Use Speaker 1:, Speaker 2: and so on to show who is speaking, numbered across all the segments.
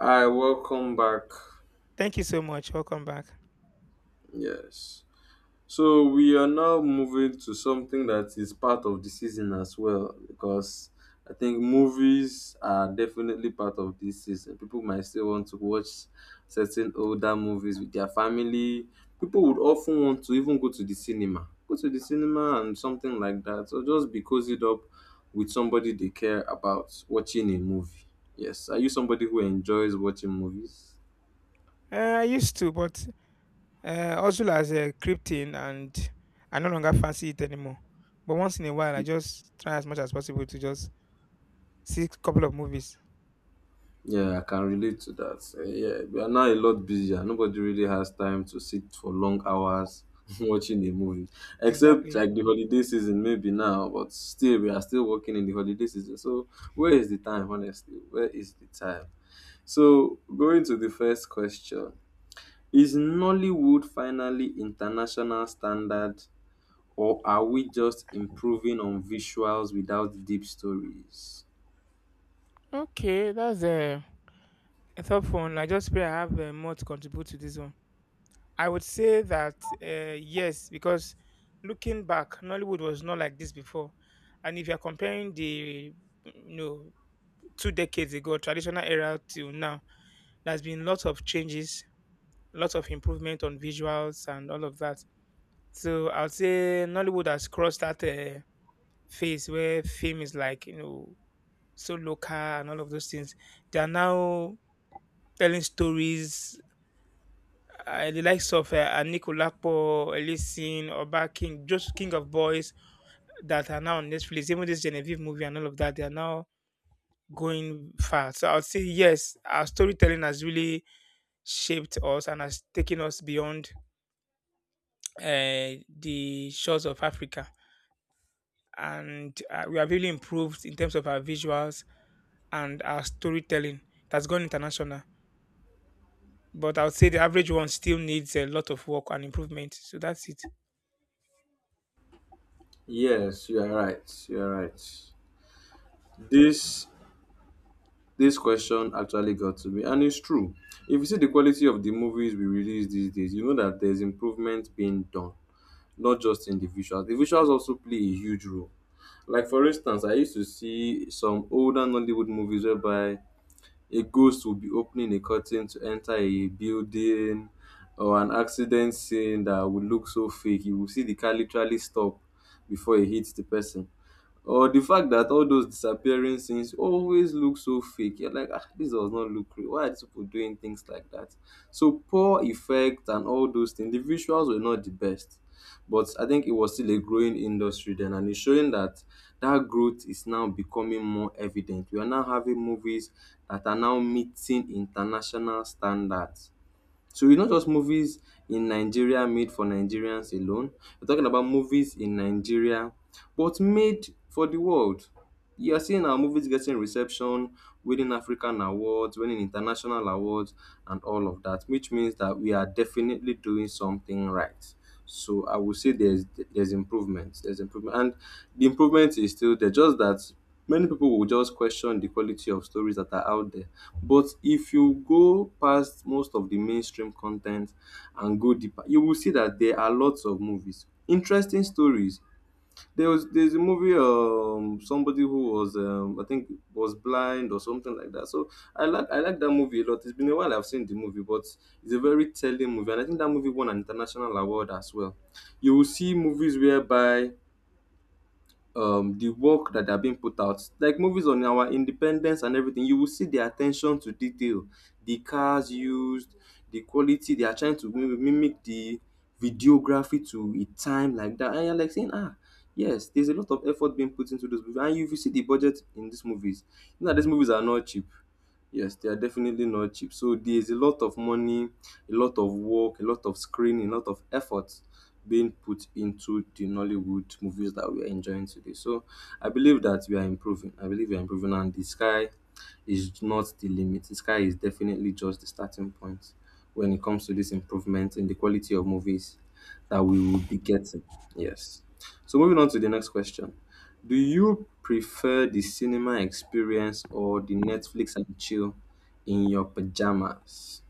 Speaker 1: Hi, welcome back.
Speaker 2: Thank you so much. Welcome back.
Speaker 1: Yes. So we are now moving to something that is part of the season as well, because I think movies are definitely part of this season. People might still want to watch certain older movies with their family. People would often want to even go to the cinema. Go to the cinema and something like that. Or just be cozied up with somebody they care about watching a movie. Yes. Are you somebody who enjoys watching movies?
Speaker 2: I used to, but Ozul has crept in and I no longer fancy it anymore. But once in a while, I just try as much as possible to just see a couple of movies.
Speaker 1: Yeah, I can relate to that. Eh, yeah, we are now a lot busier. Nobody really has time to sit for long hours watching a movie, except
Speaker 2: Exactly.
Speaker 1: like the holiday season, maybe now, but still, we are still working in the holiday season. So, where is the time, honestly? Where is the time? So, going to the first question. Is Nollywood finally international standard, or are we just improving on visuals without deep stories?
Speaker 2: Okay, that's a thoughtful one. I just pray I have more to contribute to this one. I would say that yes, because looking back, Nollywood was not like this before. And if you're comparing the you know two decades ago, traditional era till now, there's been lots of changes, lots of improvement on visuals and all of that. So I will say Nollywood has crossed that phase where fame is like so local and all of those things. They are now telling stories. The likes of Anikulapo, Elisin, Oba King, just King of Boys that are now on Netflix. Even this Genevieve movie and all of that, they are now going far. So I'd say yes, our storytelling has really shaped us and has taken us beyond the shores of Africa. And we have really improved in terms of our visuals and our storytelling. That's gone international. But I would say the average one still needs a lot of work and improvement. So that's it.
Speaker 1: Yes, you are right. You are right. This This question actually got to me, and it's true. If you see the quality of the movies we release these days, you know that there's improvement being done, not just in the visuals. The visuals also play a huge role. Like, for instance, I used to see some older Nollywood movies whereby a ghost would be opening a curtain to enter a building, or an accident scene that would look so fake. You will see the car literally stop before it hits the person, or the fact that all those disappearing scenes always look so fake. You're like, ah, this does not look real. Why are these people doing things like that? So poor effect and all those things, the visuals were not the best. But I think it was still a growing industry then, and it's showing that that growth is now becoming more evident. We are now having movies that are now meeting international standards. So it's not just movies in Nigeria made for Nigerians alone. We're talking about movies in Nigeria, but made for the world. You are seeing our movies getting reception, winning African awards, winning international awards, and all of that, which means that we are definitely doing something right. So I would say there's improvement. There's improvement, and the improvement is still there. Just that many people will just question the quality of stories that are out there. But if you go past most of the mainstream content and go deeper, you will see that there are lots of movies, interesting stories. There's a movie, somebody who was, I think, was blind or something like that. So I like that movie a lot. It's been a while I've seen the movie, but it's a very telling movie, and I think that movie won an international award as well. You will see movies whereby, the work that are being put out. Like movies on our independence and everything, you will see the attention to detail, the cars used, the quality. They are trying to mimic the videography to a time like that. And you're like saying, ah, yes, there's a lot of effort being put into those movies. And you, if you see the budget in these movies, you know, that these movies are not cheap. Yes, they are definitely not cheap. So there's a lot of money, a lot of work, a lot of screening, a lot of effort being put into the Nollywood movies that we are enjoying today. So I believe that we are improving. I believe we are improving, and the sky is not the limit. The sky is definitely just the starting point when it comes to this improvement in the quality of movies that we will be getting. Yes. So moving on to the next question. Do you prefer the cinema experience or the Netflix and chill in your pajamas?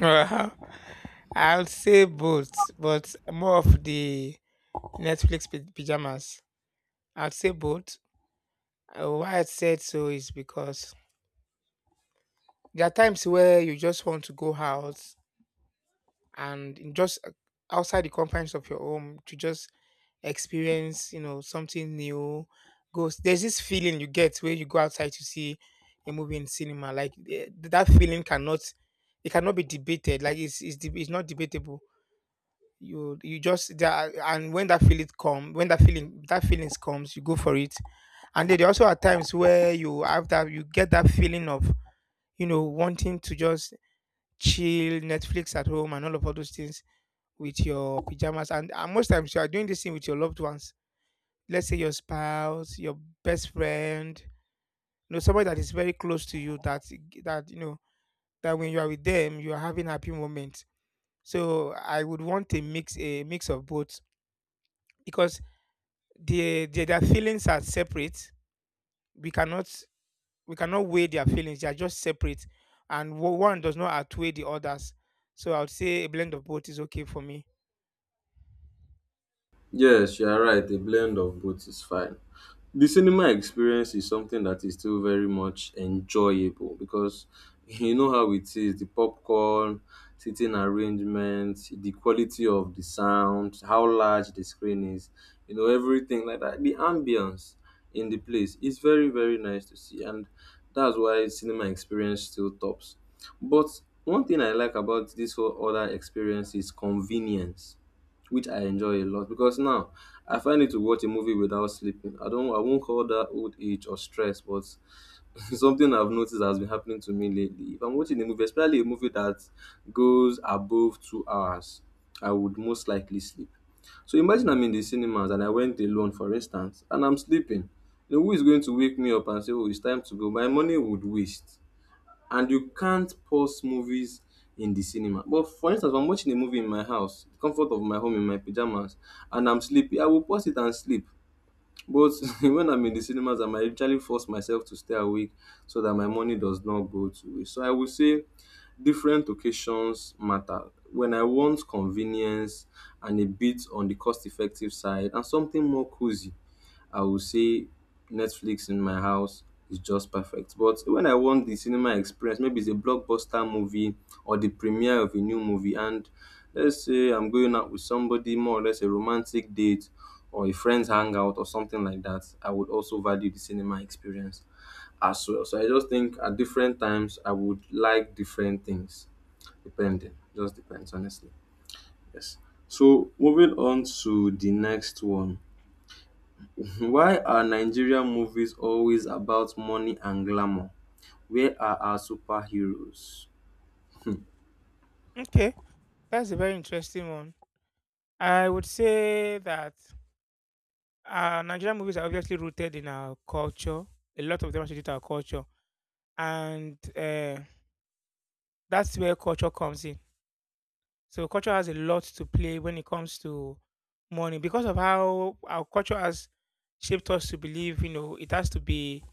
Speaker 2: Well, I'll say both, but more of the Netflix pajamas. I'll say both. Why I said so is because there are times where you just want to go out and in just outside the confines of your home to just experience something new goes there's this feeling you get where you go outside to see a movie in cinema like that feeling cannot it cannot be debated like it's it's not debatable. You just there and when that feeling come when that feeling that feelings comes you go for it, and then there also are times where you have that you get that feeling of wanting to just chill Netflix at home and all of all those things with your pajamas, and most times you are doing this thing with your loved ones. Let's say your spouse, your best friend, somebody that is very close to you, that that that when you are with them you are having happy moments. So I would want a mix of both, because the their feelings are separate. We cannot we cannot weigh their feelings, they are just separate, and one does not outweigh the others. So I would say a blend of both is okay for me.
Speaker 1: Yes, you are right. A blend of both is fine. The cinema experience is something that is still very much enjoyable because you know how it is: the popcorn, seating arrangements, the quality of the sound, how large the screen is, you know, everything like that. The ambience in the place is very, very nice to see, and that's why cinema experience still tops. But one thing I like about this whole other experience is convenience, which I enjoy a lot because now I find it to watch a movie without sleeping. I won't call that old age or stress, but something I've noticed has been happening to me lately. If I'm watching a movie, especially a movie that goes above 2 hours, I would most likely sleep. So imagine I'm in the cinemas and I went alone, for instance, and I'm sleeping. You know, who is going to wake me up and say, "Oh, it's time to go"? My money would waste, and you can't pause movies in the cinema. But for instance, if I'm watching a movie in my house, the comfort of my home in my pajamas, and I'm sleepy, I will pause it and sleep. But when I'm in the cinemas, I might literally force myself to stay awake so that my money does not go to waste. So I would say different occasions matter. When I want convenience and a bit on the cost effective side and something more cozy, I would say Netflix in my house is just perfect. But when I want the cinema experience, maybe it's a blockbuster movie or the premiere of a new movie, and let's say I'm going out with somebody, more or less a romantic date or a friend's hangout or something like that, I would also value the cinema experience as well. So I just think at different times I would like different things, depending. Just depends, honestly. Yes. So moving on to the next one. Why are Nigerian movies always about money and glamour? Where are our superheroes?
Speaker 2: Okay, that's a very interesting one. I would say that Nigerian movies are obviously rooted in our culture. A lot of them are rooted in our culture, and that's where culture comes in. So culture has a lot to play when it comes to money, because of how our culture has shaped us to believe. You know, it has to be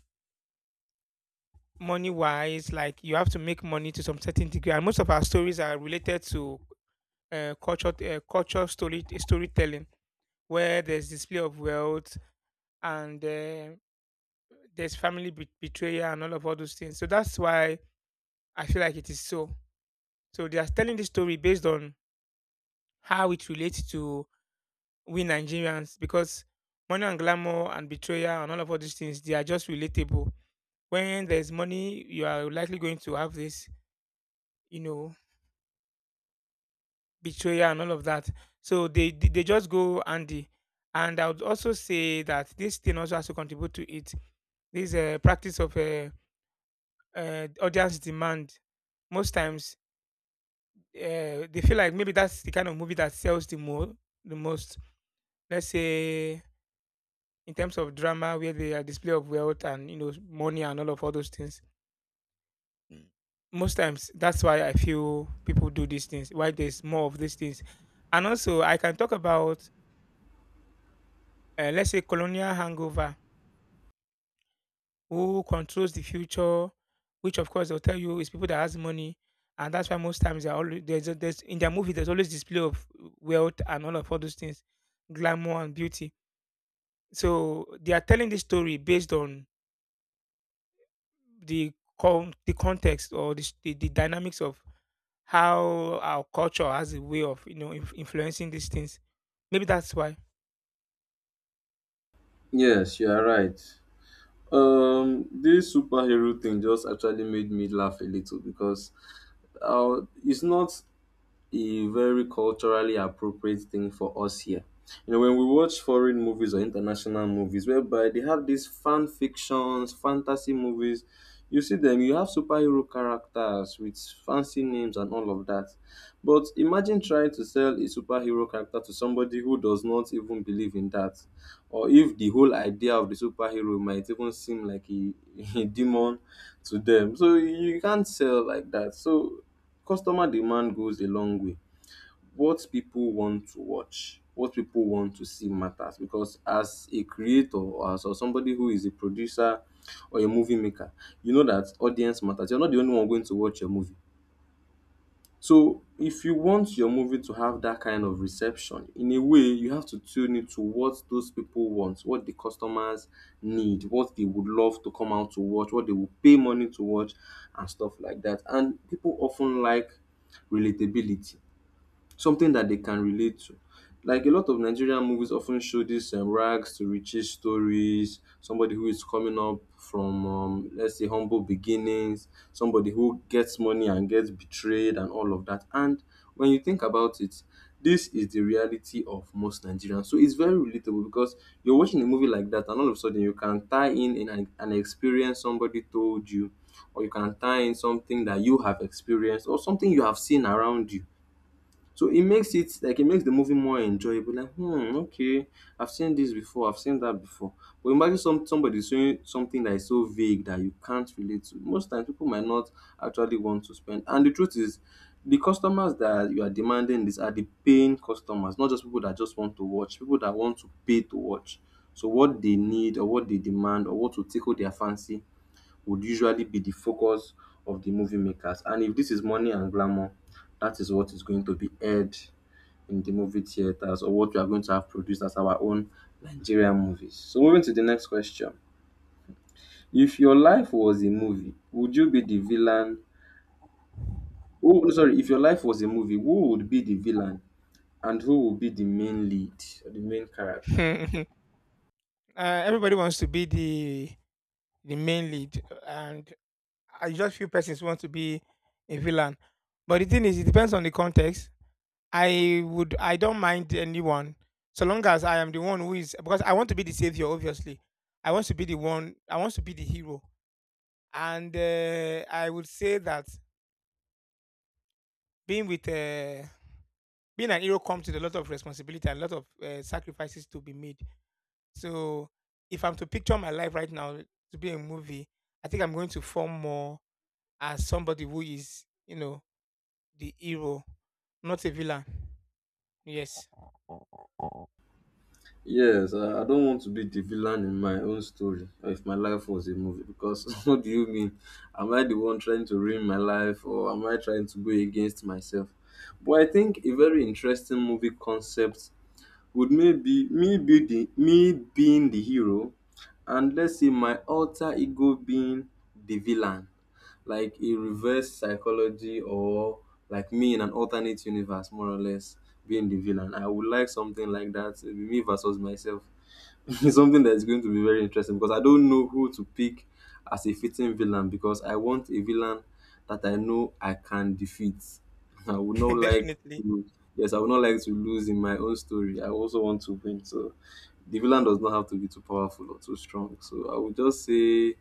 Speaker 2: money wise. Like you have to make money to some certain degree, and most of our stories are related to culture, storytelling, where there's display of wealth and. There's family betrayal and all of all those things. So that's why I feel like it is so. So they are telling this story based on how it relates to we Nigerians, because money and glamour and betrayal and all of all these things they are just relatable. When there's money, you are likely going to have this, you know, betrayal and all of that. So they just go Andy. And I would also say that this thing also has to contribute to it. This practice of audience demand most times. They feel like maybe that's the kind of movie that sells the more the most. Let's say in terms of drama, where they are display of wealth and you know money and all of all those things. Mm. Most times, that's why I feel people do these things. Why there's more of these things, and also I can talk about let's say colonial hangover. Who controls the future? Which of course they'll tell you is people that has money, and that's why most times they're always there's, a- there's in their movie there's always display of wealth and all of all those things, glamour and beauty. So they are telling this story based on the the context or the, the dynamics of how our culture has a way of you know influencing these things. Maybe that's why.
Speaker 1: Yes, you are right. This superhero thing just actually made me laugh a little because it's not a very culturally appropriate thing for us here. You know, when we watch foreign movies or international movies, whereby they have these fan fictions, fantasy movies, you see them, you have superhero characters with fancy names and all of that. But imagine trying to sell a superhero character to somebody who does not even believe in that, or if the whole idea of the superhero might even seem like a, a demon to them. So you can't sell like that. So customer demand goes a long way. What people want to watch, what people want to see matters, because as a creator or as or somebody who is a producer or a movie maker, you know that audience matters. You're not the only one going to watch your movie. So if you want your movie to have that kind of reception, in a way you have to tune into what those people want, what the customers need, what they would love to come out to watch, what they will pay money to watch, and stuff like that. And people often like relatability, something that they can relate to. Like a lot of Nigerian movies often show these rags to riches stories, somebody who is coming up from, let's say, humble beginnings, somebody who gets money and gets betrayed, and all of that. And when you think about it, this is the reality of most Nigerians. So it's very relatable because you're watching a movie like that, and all of a sudden you can tie in an experience somebody told you, or you can tie in something that you have experienced, or something you have seen around you. So it makes it like it makes the movie more enjoyable. Like, hmm, okay, I've seen this before, I've seen that before. But imagine somebody saying something that is so vague that you can't relate to, most times people might not actually want to spend. And the truth is, the customers that you are demanding this are the paying customers, not just people that just want to watch, people that want to pay to watch. So what they need or what they demand or what will tickle their fancy would usually be the focus of the movie makers. And if this is money and glamour, that is what is going to be aired in the movie theaters, or what we are going to have produced as our own Nigerian movies. So moving to the next question. If your life was a movie, would you be the villain? Oh, sorry. If your life was a movie, who would be the villain and who would be the main lead or the main character?
Speaker 2: uh, Everybody wants to be the main lead, and I just few persons want to be a villain. But the thing is, it depends on the context. I would I don't mind anyone so long as I am the one who is, because I want to be the savior. Obviously, I want to be the one. I want to be the hero. And I would say that being with being an hero comes with a lot of responsibility and a lot of sacrifices to be made. So if I'm to picture my life right now to be a movie, I think I'm going to form more as somebody who is, you know, the hero, not a villain. Yes.
Speaker 1: Yes, I don't want to be the villain in my own story, or if my life was a movie, because what do you mean? Am I the one trying to ruin my life, or am I trying to go against myself? But I think a very interesting movie concept would maybe me being the hero, and let's say my alter ego being the villain, like a reverse psychology, or like me in an alternate universe, more or less, being the villain. I would like something like that. It'll be me versus myself. It's something that's going to be very interesting because I don't know who to pick as a fitting villain, because I want a villain that I know I can defeat. I would not like
Speaker 2: Definitely.
Speaker 1: to, yes, I would not like to lose in my own story. I also want to win. So the villain does not have to be too powerful or too strong. So I would just say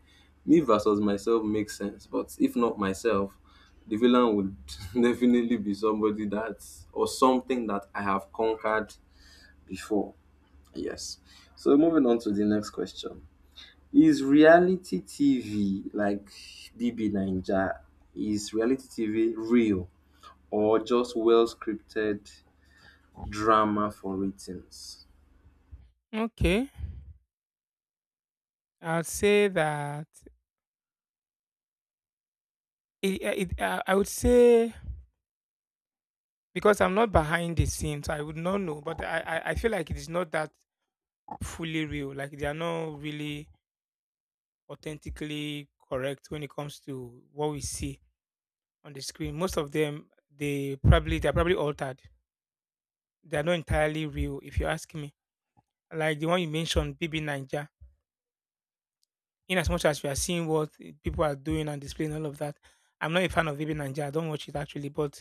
Speaker 1: me versus myself makes sense. But if not myself, the villain would definitely be somebody that, or something that, I have conquered before. Yes. So moving on to the next question. Is reality TV like DB Ninja? Is reality TV real, or just well scripted drama for ratings?
Speaker 2: Okay, I'd say that I would say, because I'm not behind the scenes, I would not know. But I feel like it is not that fully real. Like they are not really authentically correct when it comes to what we see on the screen. Most of them, they probably they're probably altered. They are not entirely real, if you ask me. Like the one you mentioned, BB Ninja. In as much as we are seeing what people are doing and displaying all of that, I'm not a fan of BB Ninja. I don't watch it actually, but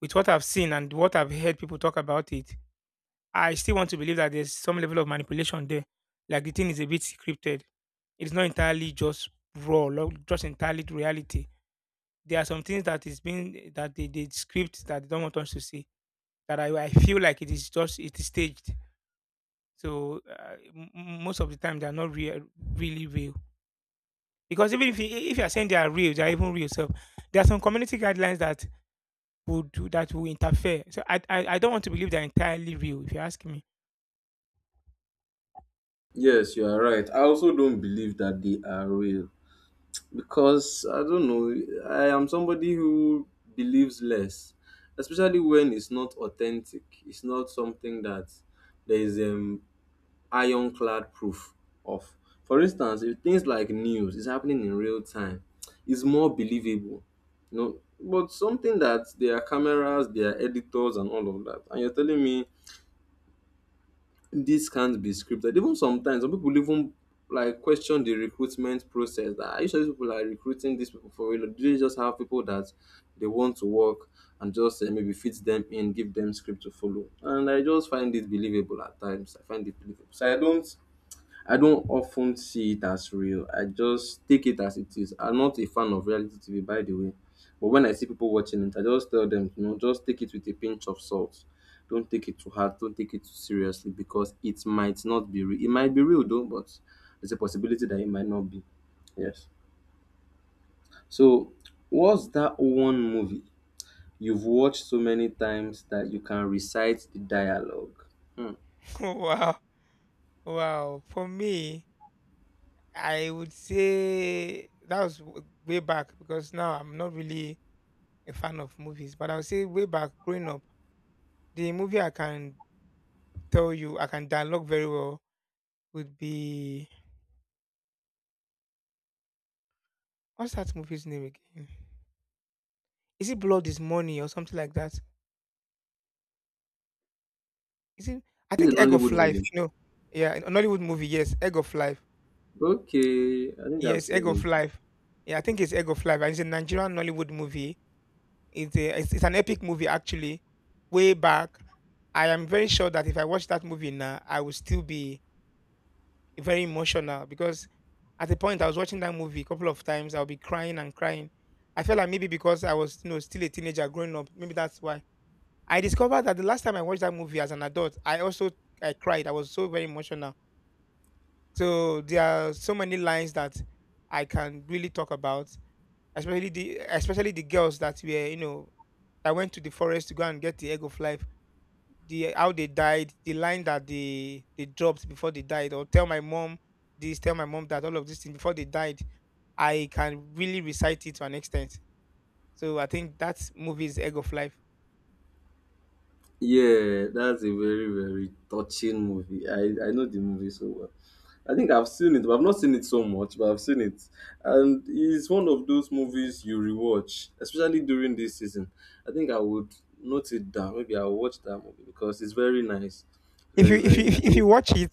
Speaker 2: with what I've seen and what I've heard people talk about it, I still want to believe that there's some level of manipulation there. Like the thing is a bit scripted. It's not entirely just raw, just entirely reality. There are some things that is being that they script that they don't want us to see. That I feel like it is just it is staged. So most of the time they are not real, really real. Because even if if you are saying they are real, they are even real. So there are some community guidelines that would do that will interfere. So I don't want to believe they're entirely real, if you ask me.
Speaker 1: Yes, you are right. I also don't believe that they are real, because I don't know. I am somebody who believes less, especially when it's not authentic. It's not something that there is ironclad proof of. For instance, if things like news is happening in real time, it's more believable. You know, but something that there are cameras, there are editors, and all of that, and you're telling me this can't be scripted. Even sometimes, some people even like question the recruitment process. That are you sure these people are recruiting these people for real? Do they just have people that they want to work and just maybe fit them in, give them script to follow? And I just find it believable at times. I find it believable. So I don't often see it as real. I just take it as it is. I'm not a fan of reality TV, by the way. But when I see people watching it, I just tell them, you know, just take it with a pinch of salt. Don't take it too hard. Don't take it too seriously, because it might not be real. It might be real though, but there's a possibility that it might not be. Yes. So, what's that one movie you've watched so many times that you can recite the dialogue? Hmm.
Speaker 2: Wow, wow. For me, I would say that was way back, because now I'm not really a fan of movies, but I would say way back growing up, the movie I can tell you I can dialogue very well would be what's that movie's name again? Is it Blood is Money or something like that? Is it? I
Speaker 1: This is
Speaker 2: think
Speaker 1: a
Speaker 2: Egg of
Speaker 1: Nollywood
Speaker 2: Life.
Speaker 1: movie.
Speaker 2: No, yeah, an Nollywood movie. Yes, Egg of Life.
Speaker 1: Okay, I think I've
Speaker 2: Yes, Egg
Speaker 1: seen
Speaker 2: of
Speaker 1: it.
Speaker 2: Life. Yeah, I think it's Egg of Life. And it's a Nigerian Nollywood movie. It's a it's an epic movie actually. Way back, I am very sure that if I watch that movie now, I will still be very emotional, because at the point I was watching that movie a couple of times, I'll be crying and crying. I felt like maybe because I was you know still a teenager growing up, maybe that's why. I discovered that the last time I watched that movie as an adult, I also I cried. I was so very emotional. So there are so many lines that I can really talk about, especially the girls that were you know I went to the forest to go and get the egg of life, the how they died, the line that they dropped before they died, or tell my mom this, tell my mom that, all of these things before they died, I can really recite it to an extent. So I think that movie is Egg of Life.
Speaker 1: Yeah, that's a very, very touching movie. I know the movie so well. I think I've seen it, but I've not seen it so much, but I've seen it. And it's one of those movies you rewatch, especially during this season. I think I would note it down. Maybe I'll watch that movie because it's very nice.
Speaker 2: If
Speaker 1: Very, very nice.
Speaker 2: you watch it,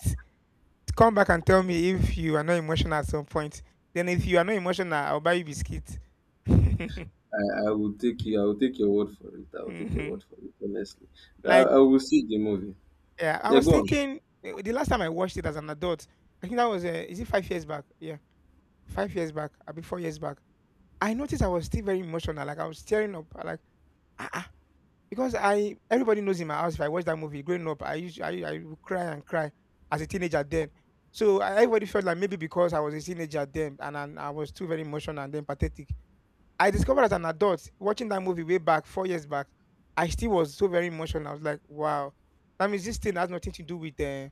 Speaker 2: come back and tell me if you are not emotional at some point. Then if you are not emotional, I'll buy you biscuits.
Speaker 1: I will take you I will take your word for it. I will take your word
Speaker 2: Mhm.
Speaker 1: for it, honestly. I
Speaker 2: Like,
Speaker 1: will see the movie.
Speaker 2: yeah, I
Speaker 1: Yeah,
Speaker 2: was
Speaker 1: go on.
Speaker 2: thinking the last time I watched it as an adult, I think that was is it 5 years back? Yeah. 5 years back, abi 4 years back, I noticed I was still very emotional, like, I was tearing up, I like, ah ah, because I everybody knows in my house if I watch that movie growing up, I used I would cry and cry as a teenager then. So, I everybody felt like maybe because I was a teenager then and I was too very emotional and then pathetic. I discovered as an adult watching that movie way back 4 years back, I still was so very emotional, I was like, "Wow, that means this thing has nothing to do with, eh,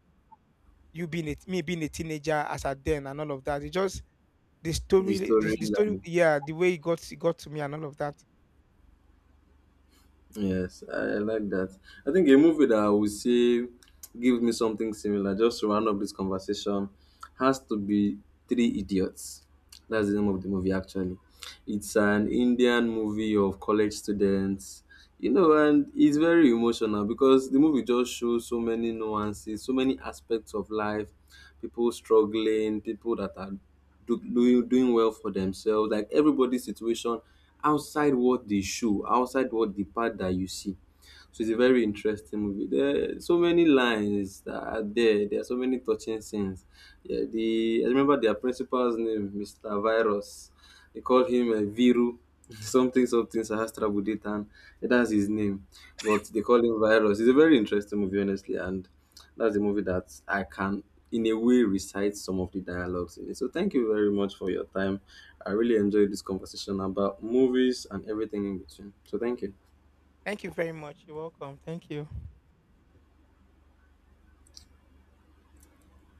Speaker 2: you being a me being a teenager as at then and all of that." It just the
Speaker 1: The
Speaker 2: story, the story,
Speaker 1: storyline.
Speaker 2: yeah, the way it got to me and all of that.
Speaker 1: Yes, I like that. I think a movie that I would say give me something similar, just to round up this conversation, has to be Three Idiots. That's the name of the movie, actually. It's an Indian movie of college students, you know, and it's very emotional because the movie just shows so many nuances, so many aspects of life, people struggling, people that are do, doing doing well for themselves, like everybody's situation outside what they show, outside what the part that you see. So it's a very interesting movie. There are so many lines that are there. There are so many touching scenes. Yeah, the I remember their principal's name, Mr. Virus. They call him Viru. Something something Sahastra Buditan. That's his name. But they call him Virus. It's a very interesting movie, honestly, and that's a movie that I can in a way recite some of the dialogues in it. So thank you very much for your time. I really enjoyed this conversation about movies and everything in between. So thank you.
Speaker 2: Thank you very much. You're welcome. Thank you.